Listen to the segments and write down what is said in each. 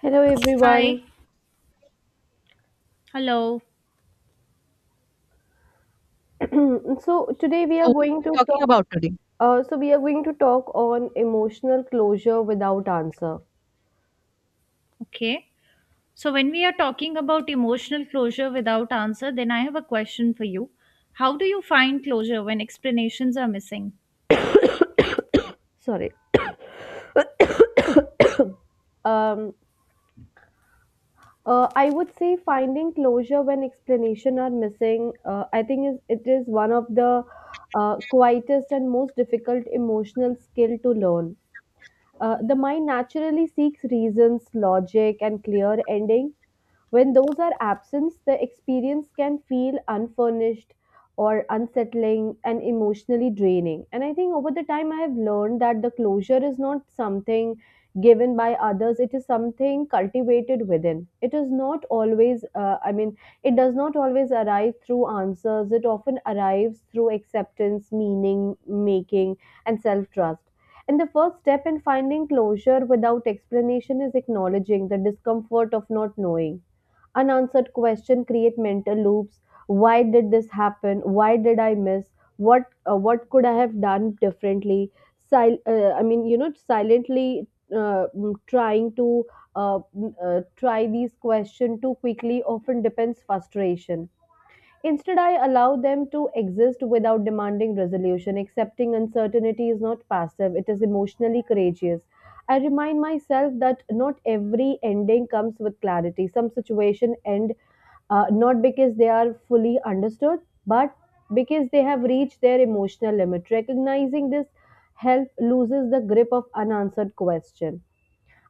Hello Hi. everyone. Hello. so today we So, are what going are we to talking talk about today? So we are going to talk on emotional closure without answer. Okay. So, when we are talking about emotional closure without answer, then I have a question for you. How do you find closure when explanations are missing? Sorry. um I would say finding closure when explanation are missing I think is it is one of the quietest and most difficult emotional skill to learn. The mind naturally seeks reasons, logic, and clear ending. When those are absent, the experience can feel unfurnished or unsettling and emotionally draining. And I think over the time, I have learned that the closure is not something given by others, it is something cultivated within. It is not always, I mean, it does not always arrive through answers, it often arrives through acceptance, meaning making, and self trust. And the first step in finding closure without explanation is acknowledging the discomfort of not knowing. Unanswered questions create mental loops. Why did this happen, why did I miss what, what could I have done differently? I mean, you know, silently trying to try these questions too quickly often depends frustration. Instead, I allow them to exist without demanding resolution. Accepting uncertainty is not passive, it is emotionally courageous. I remind myself that not every ending comes with clarity. Some situation end not because they are fully understood, but because they have reached their emotional limit. Recognizing this help loses the grip of unanswered question.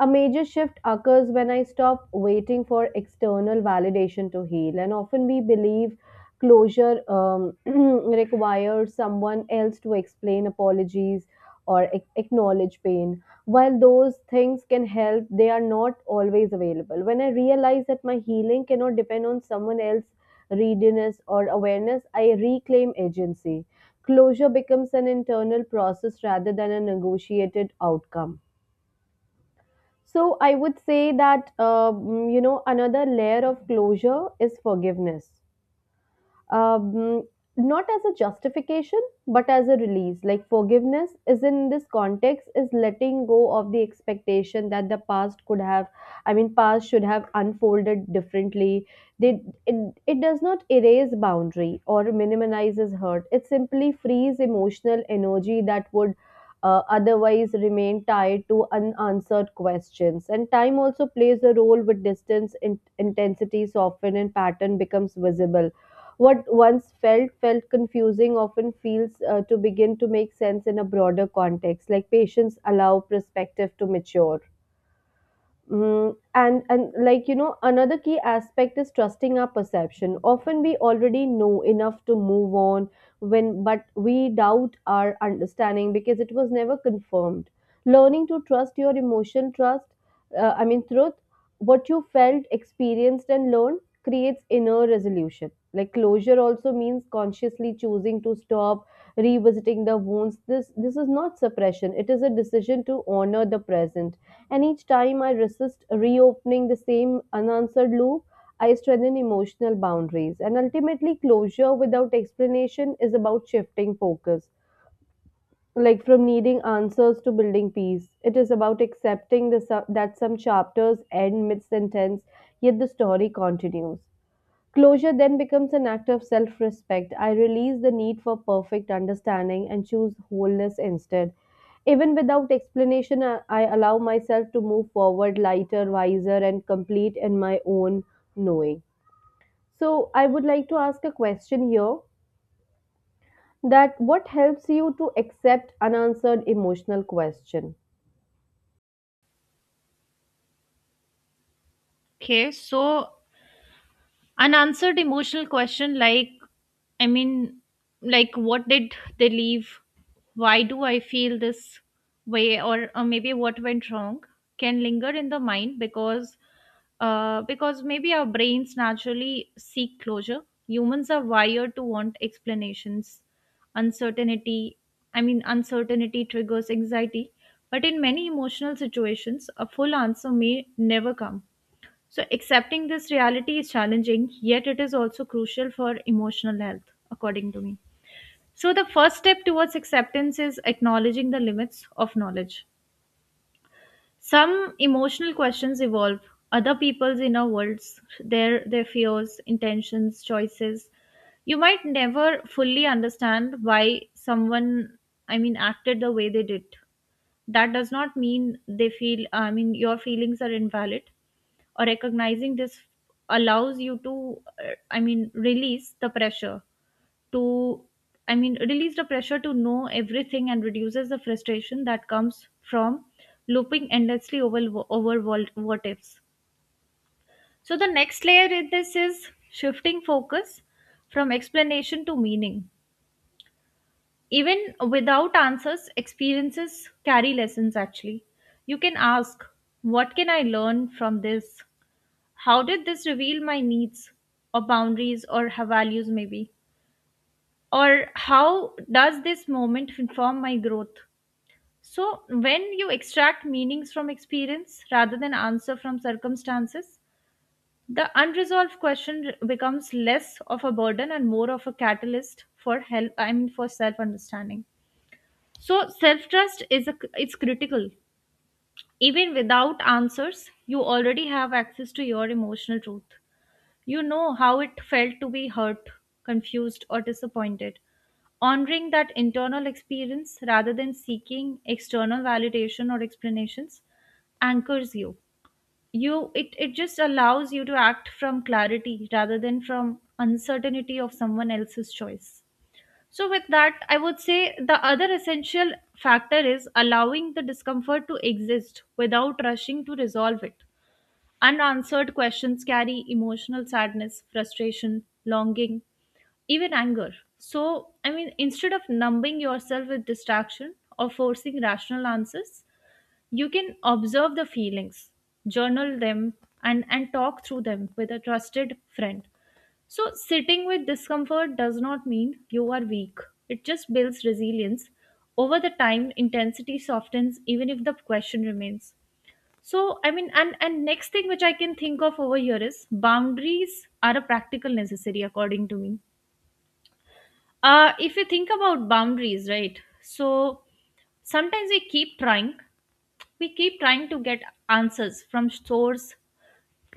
A major shift occurs when I stop waiting for external validation to heal. And often we believe closure requires someone else to explain apologies or acknowledge pain. While those things can help, they are not always available. When I realize that my healing cannot depend on someone else's readiness or awareness, I reclaim agency. Closure becomes an internal process rather than a negotiated outcome. So I would say that, another layer of closure is forgiveness, um, not as a justification but as a release. Like forgiveness is in this context is letting go of the expectation that the past could have, I mean past should have unfolded differently. they, it, it does not erase boundary or minimizes hurt, it simply frees emotional energy that would otherwise remain tied to unanswered questions. And time also plays a role. With distance in, intensity soften and pattern becomes visible. What once felt confusing often feels to begin to make sense in a broader context. Like patience allow perspective to mature. Mm, and like you know another key aspect is trusting our perception. Often we already know enough to move on when but we doubt our understanding because it was never confirmed. Learning to trust your emotion, trust, I mean truth, what you felt, experienced and learned creates inner resolution. Like closure also means consciously choosing to stop revisiting the wounds. This is not suppression. It is a decision to honor the present. And each time I resist reopening the same unanswered loop, I strengthen emotional boundaries. And ultimately, closure without explanation is about shifting focus, like from needing answers to building peace. It is about accepting that some chapters end mid sentence, yet the story continues. Closure then becomes an act of self respect. I release the need for perfect understanding and choose wholeness instead. Even without explanation, I allow myself to move forward lighter, wiser, and complete in my own knowing. So, I would like to ask a question here that what helps you to accept unanswered emotional question? Okay. So, unanswered emotional question, i mean like what did they leave, why do I feel this way, or maybe what went wrong, can linger in the mind because maybe our brains naturally seek closure, humans are wired to want explanations. Uncertainty i mean uncertainty triggers anxiety, but in many emotional situations a full answer may never come. So, accepting this reality is challenging, yet it is also crucial for emotional health, according to me. So, the first step towards acceptance is acknowledging the limits of knowledge. Some emotional questions evolve, other people's inner worlds, their fears, intentions, choices. You might never fully understand why someone, I mean, acted the way they did. That does not mean they feel, I mean, your feelings are invalid, or recognizing this allows you to release the pressure to, release the pressure to know everything, and reduces the frustration that comes from looping endlessly over, over what ifs. So the next layer in this is shifting focus from explanation to meaning. Even without answers, experiences carry lessons actually. You can ask, what can I learn from this? How did this reveal my needs, or boundaries, or her values maybe, or how does this moment inform my growth? So when you extract meanings from experience rather than answer from circumstances, the unresolved question becomes less of a burden and more of a catalyst for help, for self understanding. So self trust is a it's critical. Even without answers, you already have access to your emotional truth. You know how it felt to be hurt, confused, or disappointed. Honoring that internal experience rather than seeking external validation or explanations anchors you. It just allows you to act from clarity rather than from uncertainty of someone else's choice. So, with that, I would say the other essential factor is allowing the discomfort to exist without rushing to resolve it. Unanswered questions carry emotional sadness, frustration, longing, even anger. So, I mean, instead of numbing yourself with distraction or forcing rational answers, you can observe the feelings, journal them, and talk through them with a trusted friend. So, sitting with discomfort does not mean you are weak, it just builds resilience. Over the time, intensity softens even if the question remains. So, I mean, and next thing which I can think of over here is boundaries are a practical necessary according to me. Uh, if you think about boundaries, right? So sometimes we keep trying, we keep trying to get answers from source,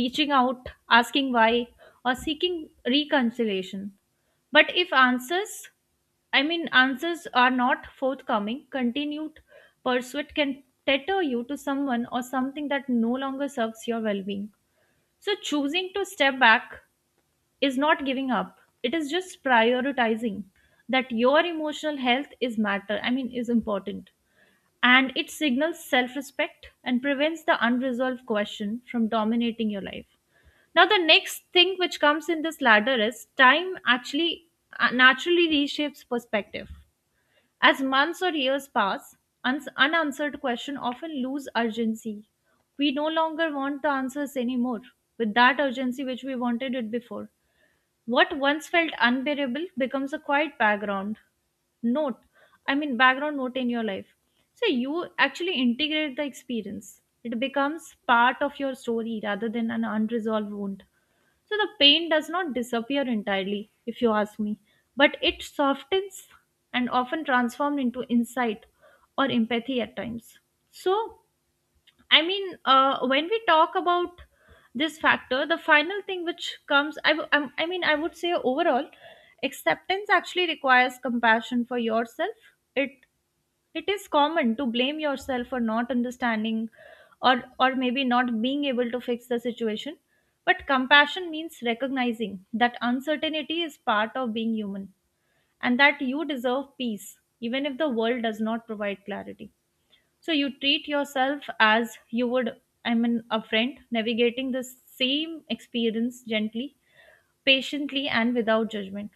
reaching out, asking why, or seeking reconciliation. But if answers, I mean, answers are not forthcoming, continued pursuit can tether you to someone or something that no longer serves your well being. So, choosing to step back is not giving up. It is just prioritizing that your emotional health is matter, I mean, is important. And it signals self respect and prevents the unresolved question from dominating your life. Now, the next thing which comes in this ladder is time, actually. Naturally reshapes perspective. As months or years pass, unanswered questions often lose urgency. We no longer want the answers anymore with that urgency which we wanted it before. What once felt unbearable becomes a quiet background note. I mean, background note in your life. So you actually integrate the experience, it becomes part of your story rather than an unresolved wound. So the pain does not disappear entirely, if you ask me, but it softens and often transformed into insight or empathy at times. So, I mean, when we talk about this factor, the final thing which comes, I mean, I would say overall, acceptance actually requires compassion for yourself. It it is common to blame yourself for not understanding, or maybe not being able to fix the situation. But compassion means recognizing that uncertainty is part of being human and that you deserve peace, even if the world does not provide clarity. So you treat yourself as you would, I mean, a friend navigating the same experience gently, patiently, and without judgment.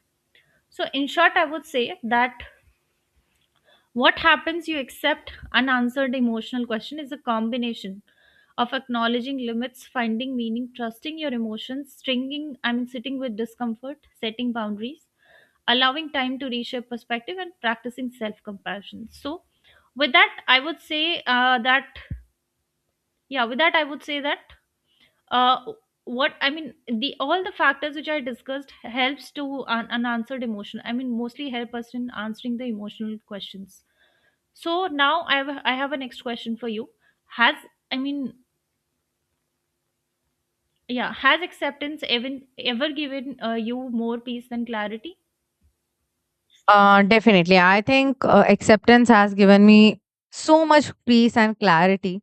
So, in short, I would say that what happens you accept unanswered emotional question is a combination of acknowledging limits, finding meaning, trusting your emotions, stringing, I mean, sitting with discomfort, setting boundaries, allowing time to reshape perspective, and practicing self compassion. So, with that, I would say yeah, with that, I would say that uh, what, I mean, the all the factors which I discussed helps to unanswered emotion. I mean, mostly help us in answering the emotional questions. So now I have a next question for you. Has, I mean yeah, has acceptance even ever given you more peace than clarity? Definitely. I think acceptance has given me so much peace and clarity.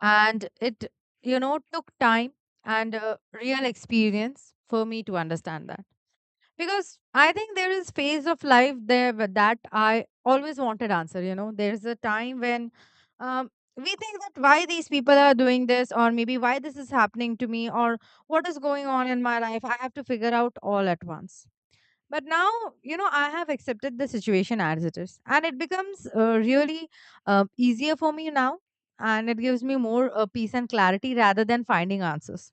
And you know, took time and real experience for me to understand that. Because I think there is phase of life there where that I always wanted answer. You know, there's a time when um, we think that why these people are doing this, or maybe why this is happening to me, or what is going on in my life. I have to figure out all at once, but now, you know, I have accepted the situation as it is and it becomes really easier for me now, and it gives me more peace and clarity rather than finding answers,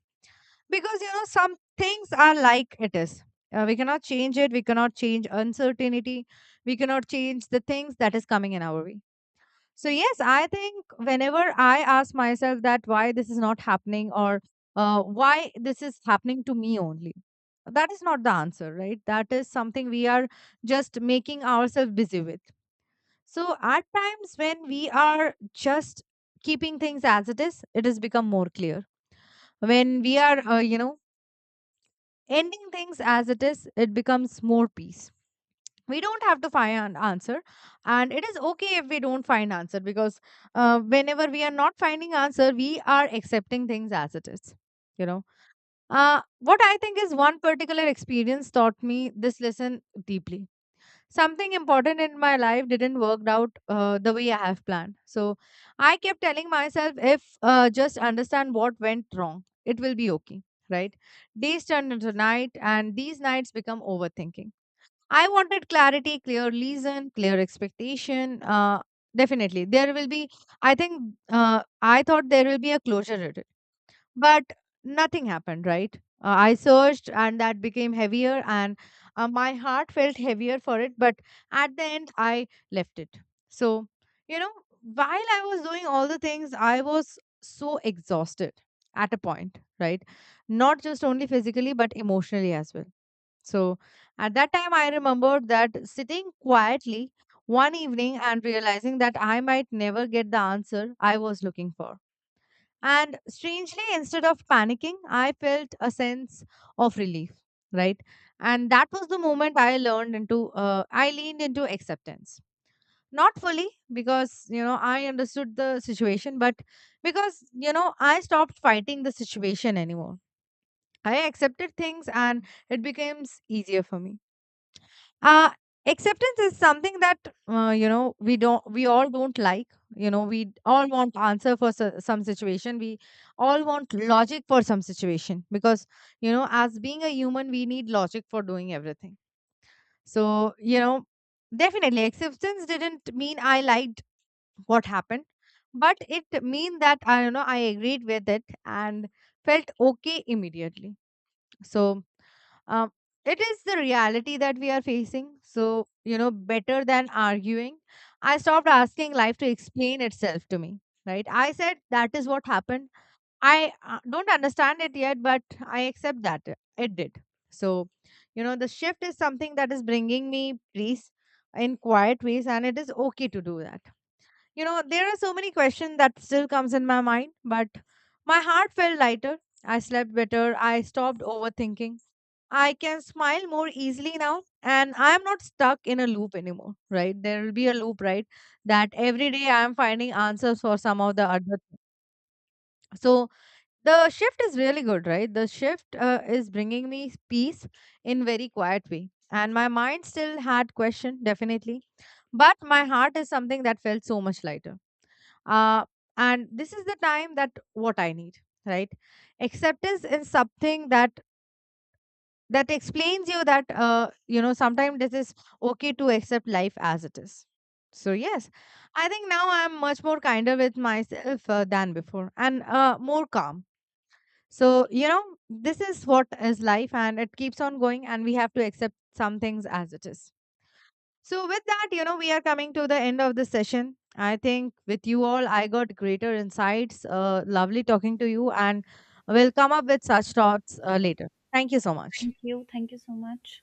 because you know some things are like it is. We cannot change it, we cannot change uncertainty, we cannot change the things that is coming in our way. So yes, I think whenever I ask myself that why this is not happening, or why this is happening to me only, that is not the answer, right? That is something we are just making ourselves busy with. So at times when we are just keeping things as it is, it has become more clear. When we are, you know, ending things as it is, it becomes more peace. We don't have to find an answer, and it is okay if we don't find answer, because whenever we are not finding answer, we are accepting things as it is, you know. What I think is, one particular experience taught me this lesson deeply. Something important in my life didn't work out the way I have planned. So I kept telling myself, if just understand what went wrong, it will be okay, right? Days turned into night, and these nights become overthinking. I wanted clarity, clear reason, clear expectation. Definitely, there will be. I think I thought there will be a closure at it, but nothing happened. Right? I searched, and that became heavier, and my heart felt heavier for it. But at the end, I left it. So, you know, while I was doing all the things, I was so exhausted at a point. Right? Not just only physically, but emotionally as well. So at that time, I remembered that sitting quietly one evening and realizing that I might never get the answer I was looking for. And strangely, instead of panicking, I felt a sense of relief, right? And that was the moment I learned into, I leaned into acceptance. Not fully because, you know, I understood the situation, but because, you know, I stopped fighting the situation anymore. I accepted things and it becomes easier for me. uh Acceptance is something that you know, we all don't like, you know, we all want answer for some situation, we all want logic for some situation, because you know, as being a human we need logic for doing everything. So you know, definitely acceptance didn't mean I liked what happened, but it mean that I, you know, I agreed with it and felt okay immediately. So um, it is the reality that we are facing. So, you know, better than arguing, I stopped asking life to explain itself to me. Right? I said that is what happened. I don't understand it yet, but I accept that it did. So, you know, the shift is something that is bringing me peace in quiet ways, and it is okay to do that. You know, there are so many questions that still comes in my mind, but my heart felt lighter. I slept better. I stopped overthinking. I can smile more easily now, and I am not stuck in a loop anymore, right? There will be a loop, right? That every day I am finding answers for some of the other thing. So the shift is really good, right? The shift is bringing me peace in very quiet way. And my mind still had question, definitely. But my heart is something that felt so much lighter. Uh, and this is the time that what I need, right? Acceptance is something that explains you that you know, sometimes this is okay to accept life as it is. So yes, I think now I'm much more kinder with myself than before, and more calm. So you know, this is what is life and it keeps on going, and we have to accept some things as it is. So with that, you know, we are coming to the end of the session. I think with you all, I got greater insights. Lovely talking to you, and we'll come up with such thoughts later. Thank you so much. Thank you. Thank you so much.